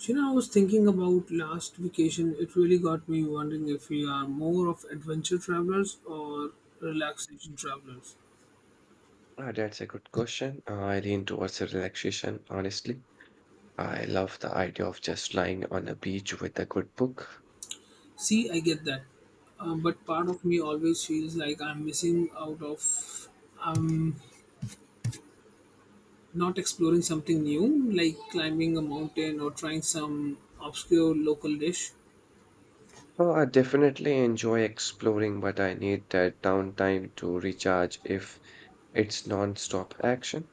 You know, I was thinking about last vacation. It really got me wondering if we are more of adventure travelers or relaxation travelers. Ah, that's a good question. I lean towards a relaxation, honestly. I love the idea of just lying on a beach with a good book. See, I get that, but part of me always feels like I'm missing out of I'm not exploring something new, like climbing a mountain or trying some obscure local dish. Oh, I definitely enjoy exploring, but I need that downtime to recharge if it's non-stop action.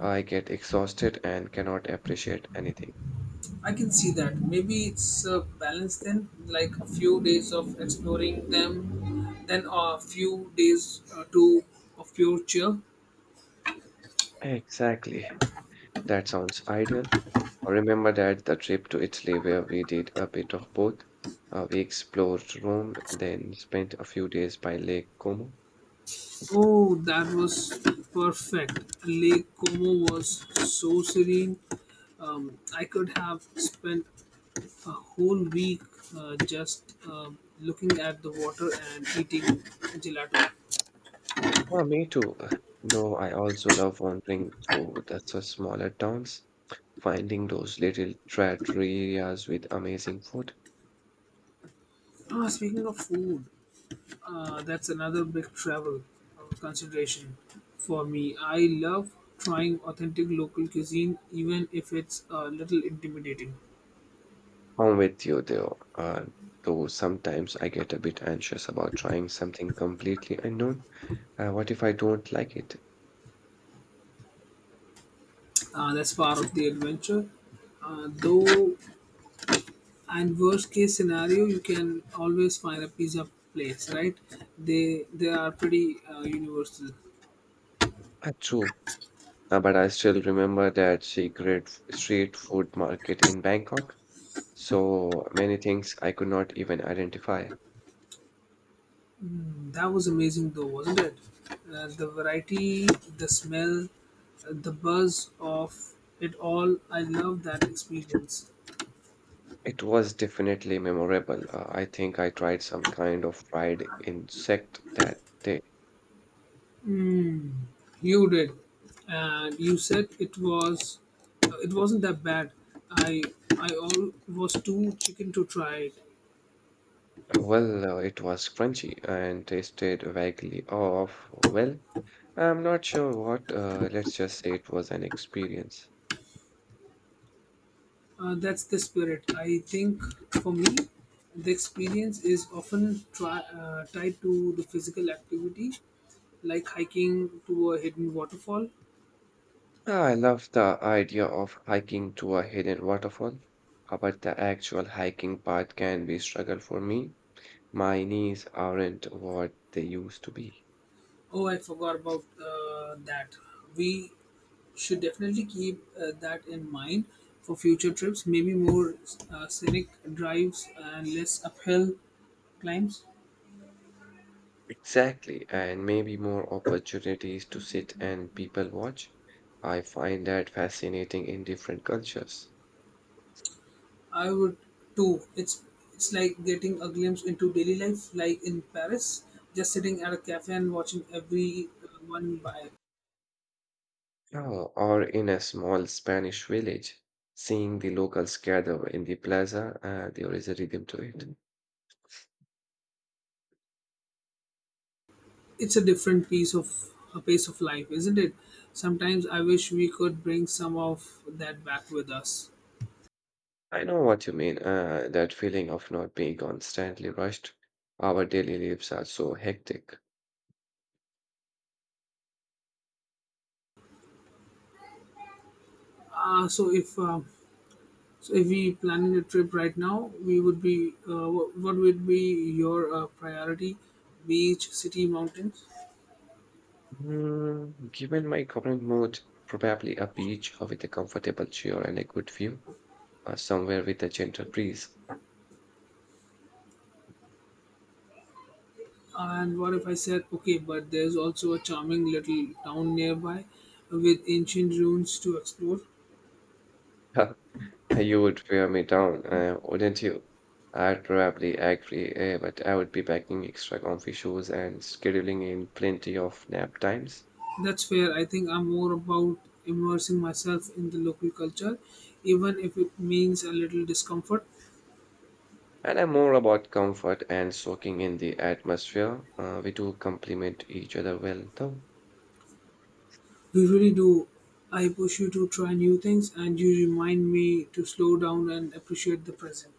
I get exhausted and cannot appreciate anything. I can see that. Maybe it's a balance then, like a few days of exploring them, then a few days to of pure cheer. Exactly. That sounds ideal. I remember that the trip to Italy where we did a bit of both. We explored Rome, then spent a few days by Lake Como. Oh, that was perfect. Lake Como was so serene. I could have spent a whole week just looking at the water and eating gelato. Oh, me too. Though I also love wandering through the smaller towns, finding those little trattoria's with amazing food. Ah, speaking of food, that's another big travel consideration for me. I love trying authentic local cuisine, even if it's a little intimidating. I'm with you though sometimes I get a bit anxious about trying something completely unknown. What if I don't like it? That's part of the adventure. Though and worst case scenario you can always find a pizza place, right? They are pretty universal. True. But I still remember that street food market in Bangkok. So many things I could not even identify. That was amazing, though, wasn't it? Uh, the variety, the smell, the buzz of it all. I love that experience. It was definitely memorable. I think I tried some kind of fried insect that day. You did, and you said it was it wasn't that bad. I i all was too chicken to try it. Well, it was crunchy and tasted vaguely off. Well, I'm not sure what. Let's just say it was an experience. That's the spirit. I think for me, the experience is often tied to the physical activity, like hiking to a hidden waterfall. Ah, I love the idea of hiking to a hidden waterfall, but the actual hiking part can be struggle for me. My knees aren't what they used to be. Oh, I forgot about that. We should definitely keep that in mind for future trips, maybe more scenic drives and less uphill climbs. Exactly, and maybe more opportunities to sit and people watch. I find that fascinating in different cultures. I would too. It's like getting a glimpse into daily life, like in Paris, just sitting at a cafe and watching every one by. Yeah, or in a small Spanish village, seeing the locals gather in the plaza. There is a rhythm to it. Mhm. It's a different piece of a pace of life, isn't it? Sometimes I wish we could bring some of that back with us. I know what you mean, that feeling of not being constantly rushed. Our daily lives are so hectic. Uh, so if uh, so, if we planning a trip right now, we would be. What would be your priority? Beach, city, mountains. Mm, given my current mood, probably a beach with a comfortable chair and a good view, somewhere with a gentle breeze. And what if I said, okay, but there's also a charming little town nearby with ancient ruins to explore? Huh, you would wear me down, wouldn't you? I'd probably agree, but I would be packing extra comfy shoes and scheduling in plenty of nap times. That's fair. I think I'm more about immersing myself in the local culture, even if it means a little discomfort. And I'm more about comfort and soaking in the atmosphere. We do complement each other well, though. You really do. I push you to try new things, and you remind me to slow down and appreciate the present.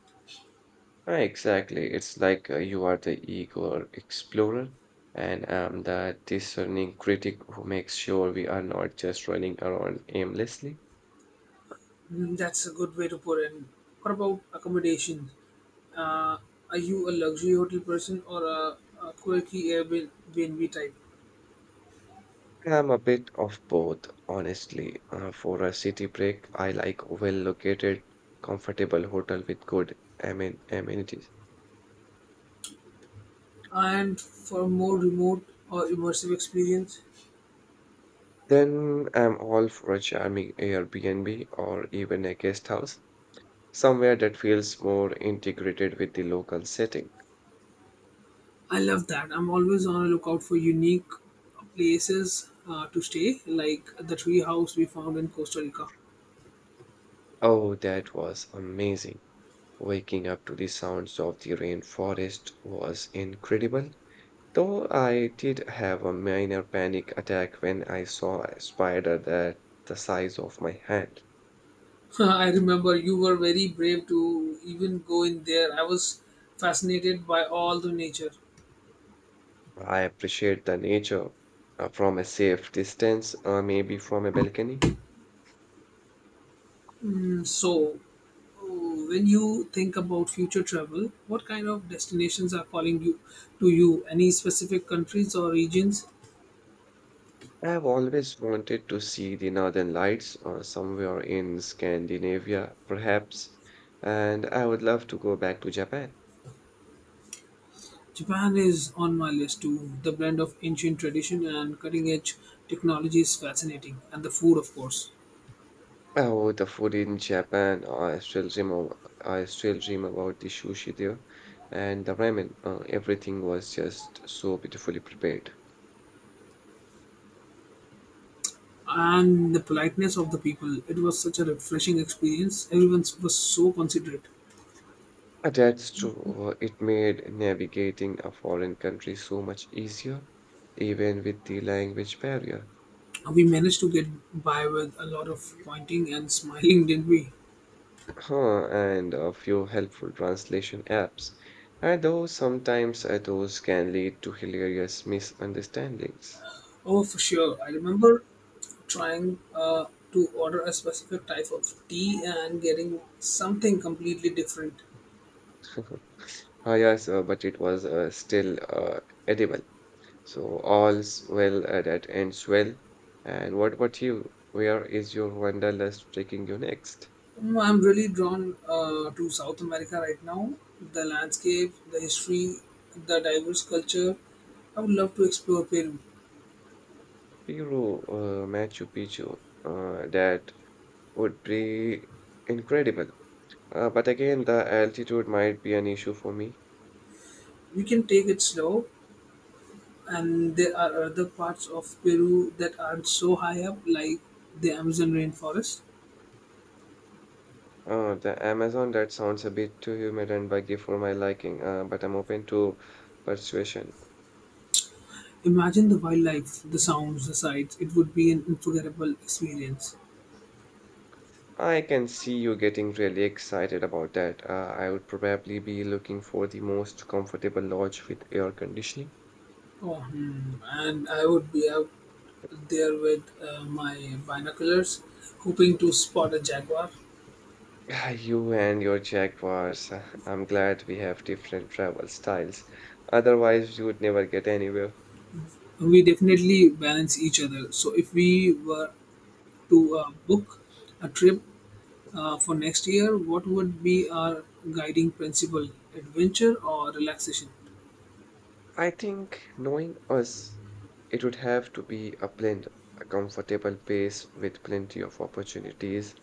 Exactly. It's like you are the eager explorer, and I'm the discerning critic who makes sure we are not just running around aimlessly. Mm, that's a good way to put it. What about accommodation? Uh, are you a luxury hotel person or a quirky Airbnb type? I'm a bit of both, honestly. For a city break, I like well-located, comfortable hotel with good amenities. And for more remote or immersive experience. Then I'm all for a charming Airbnb or even a guest house, somewhere that feels more integrated with the local setting. I love that. I'm always on a lookout for unique places to stay, like the tree house we found in Costa Rica. Oh, that was amazing. Waking up to the sounds of the rainforest was incredible. Though I did have a minor panic attack when I saw a spider that the size of my hand. I remember you were very brave to even go in there. I was fascinated by all the nature. I appreciate the nature from a safe distance, maybe from a balcony. Mm, So, oh, when you think about future travel, what kind of destinations are calling you to you? Any specific countries or regions? I have always wanted to see the northern lights somewhere in Scandinavia, perhaps, and I would love to go back to Japan. Japan is on my list too. The blend of ancient tradition and cutting edge technology is fascinating, and the food, of course, Oh, the food in Japan. I still dream about the sushi there and the ramen. Everything was just so beautifully prepared. and the politeness of the people. It was such a refreshing experience. Everyone was so considerate. That's true. It made navigating a foreign country so much easier, even with the language barrier. We managed to get by with a lot of pointing and smiling, didn't we? Huh, and a few helpful translation apps. And though sometimes those can lead to hilarious misunderstandings. Oh, for sure. I remember trying to order a specific type of tea and getting something completely different. Ah, yes, but it was still edible. So all's well that ends well. And what about you? Where is your wanderlust taking you next? Mm, I'm really drawn to South America right now. The landscape, the history, the diverse culture. I would love to explore Peru. Peru, Machu Picchu, that would be incredible. But again, the altitude might be an issue for me. We can take it slow, and there are other parts of Peru that aren't so high up, like the Amazon rainforest. The Amazon, that sounds a bit too humid and buggy for my liking, but I'm open to persuasion. Imagine the wildlife, the sounds, the sights. It would be an unforgettable experience. I can see you getting really excited about that. I would probably be looking for the most comfortable lodge with air conditioning. Oh, hmm. And I would be out there with my binoculars, hoping to spot a jaguar. Ah, you and your Jaguars. Ah, I'm glad we have different travel styles. Otherwise, you would never get anywhere. We definitely balance each other. So if we were to book a trip for next year, what would be our guiding principle? Adventure or relaxation? I think knowing us, it would have to be a blend, a comfortable pace with plenty of opportunities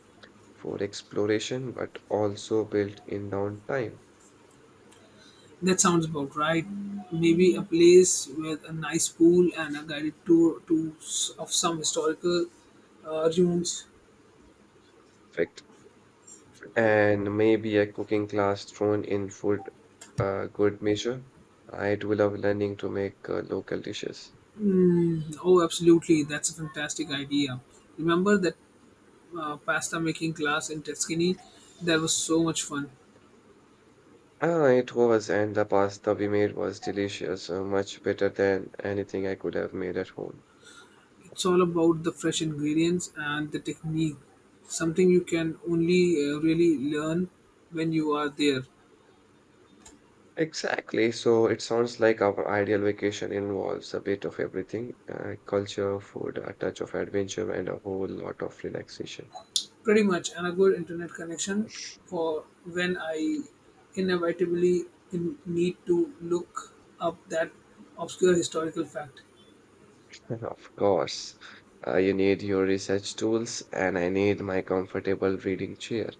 for exploration, but also built in downtime. That sounds about right. Maybe a place with a nice pool and a guided tour of some historical ruins. Perfect. And maybe a cooking class thrown in for good measure. I do love learning to make local dishes. Oh, absolutely! That's a fantastic idea. Remember that pasta making class in Tuscany? That was so much fun. Ah, it was, and the pasta we made was delicious, much better than anything I could have made at home. It's all about the fresh ingredients and the technique, something you can only really learn when you are there. Exactly, so it sounds like our ideal vacation involves a bit of everything, culture, food, a touch of adventure, and a whole lot of relaxation. Pretty much, and a good internet connection for when I inevitably need to look up that obscure historical fact. And of course, you need your research tools, and I need my comfortable reading chair.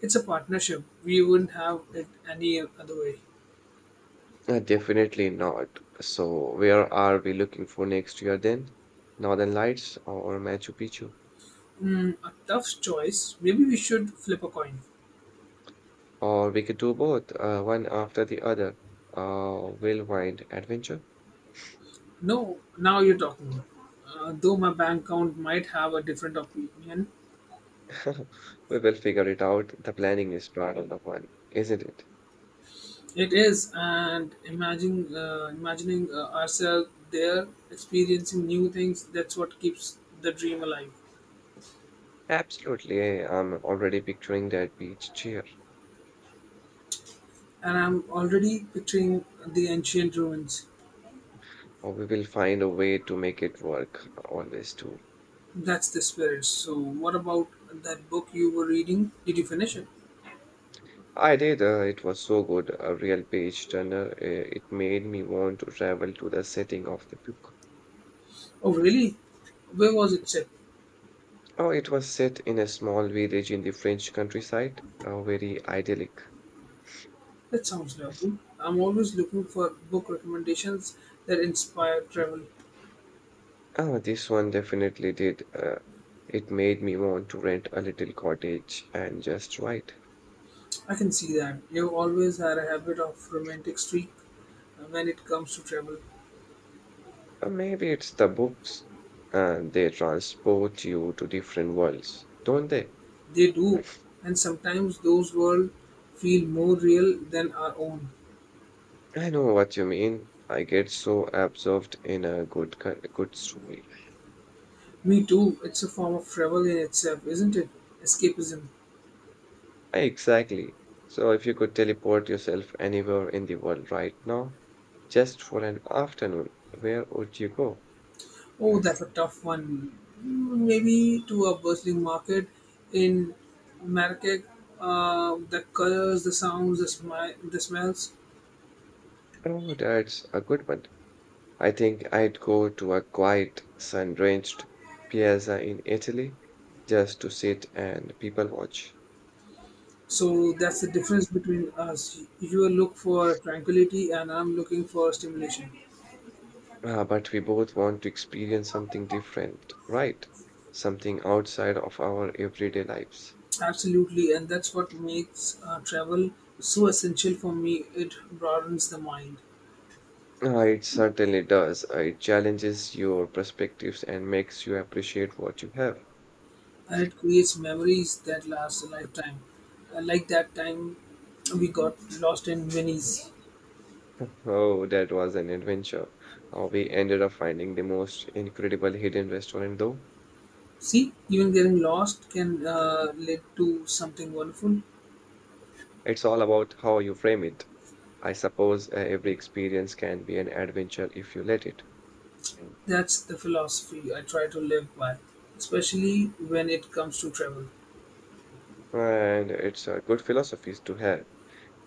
It's a partnership. We wouldn't have it any other way. Definitely not. So, where are we looking for next year then? Northern Lights or Machu Picchu? Mm, a tough choice. Maybe we should flip a coin. Or we could do both, one after the other. Whirlwind adventure. No, now you're talking. Though my bank account might have a different opinion. We will figure it out. The planning is part of the fun, isn't it? It is, and imagining ourselves there, experiencing new things. That's what keeps the dream alive. Absolutely. I'm already picturing that beach chair. And I'm already picturing the ancient ruins. Or we will find a way to make it work. Always do. That's the spirit. So, what about that book you were reading? Did you finish it? I did. It was so good. A real page turner. It made me want to travel to the setting of the book. Oh, really? Where was it set? Oh, it was set in a small village in the French countryside. Very idyllic. That sounds lovely. I'm always looking for book recommendations that inspire travel. Ah, this one definitely did. It made me want to rent a little cottage and just write. I can see that. You always had a habit of romantic streak when it comes to travel. Or maybe it's the books, and they transport you to different worlds, don't they? They do, and sometimes those worlds feel more real than our own. I know what you mean. I get so absorbed in a good story. Me too. It's a form of travel in itself, isn't it? Escapism. Exactly. So if you could teleport yourself anywhere in the world right now, just for an afternoon, where would you go? Oh, that's Yes. a tough one. Mm, maybe to a bustling market in Marrakech, the colors, the sounds, the smells. Oh, that's a good one. I think I'd go to a quiet, sun-drenched piazza in Italy just to sit and people watch. So that's the difference between us. You look for tranquility, and I'm looking for stimulation. But we both want to experience something different, right? Something outside of our everyday lives. Absolutely, and that's what makes travel so essential for me. It broadens the mind, It certainly does. It challenges your perspectives and makes you appreciate what you have. and it creates memories that last a lifetime. Like that time we got lost in Venice. Oh, that was an adventure. We ended up finding the most incredible hidden restaurant, though. See, even getting lost can lead to something wonderful. It's all about how you frame it. I suppose every experience can be an adventure if you let it. Mm. That's the philosophy I try to live by, especially when it comes to travel. And it's a good philosophy to have.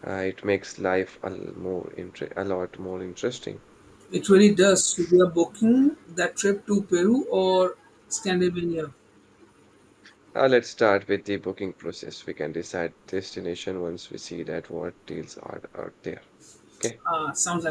It makes life a lot more interesting. It really does. So we are booking that trip to Peru or Scandinavia. Let's start with the booking process. We can decide destination once we see that what deals are out there. Okay. Ah, sounds like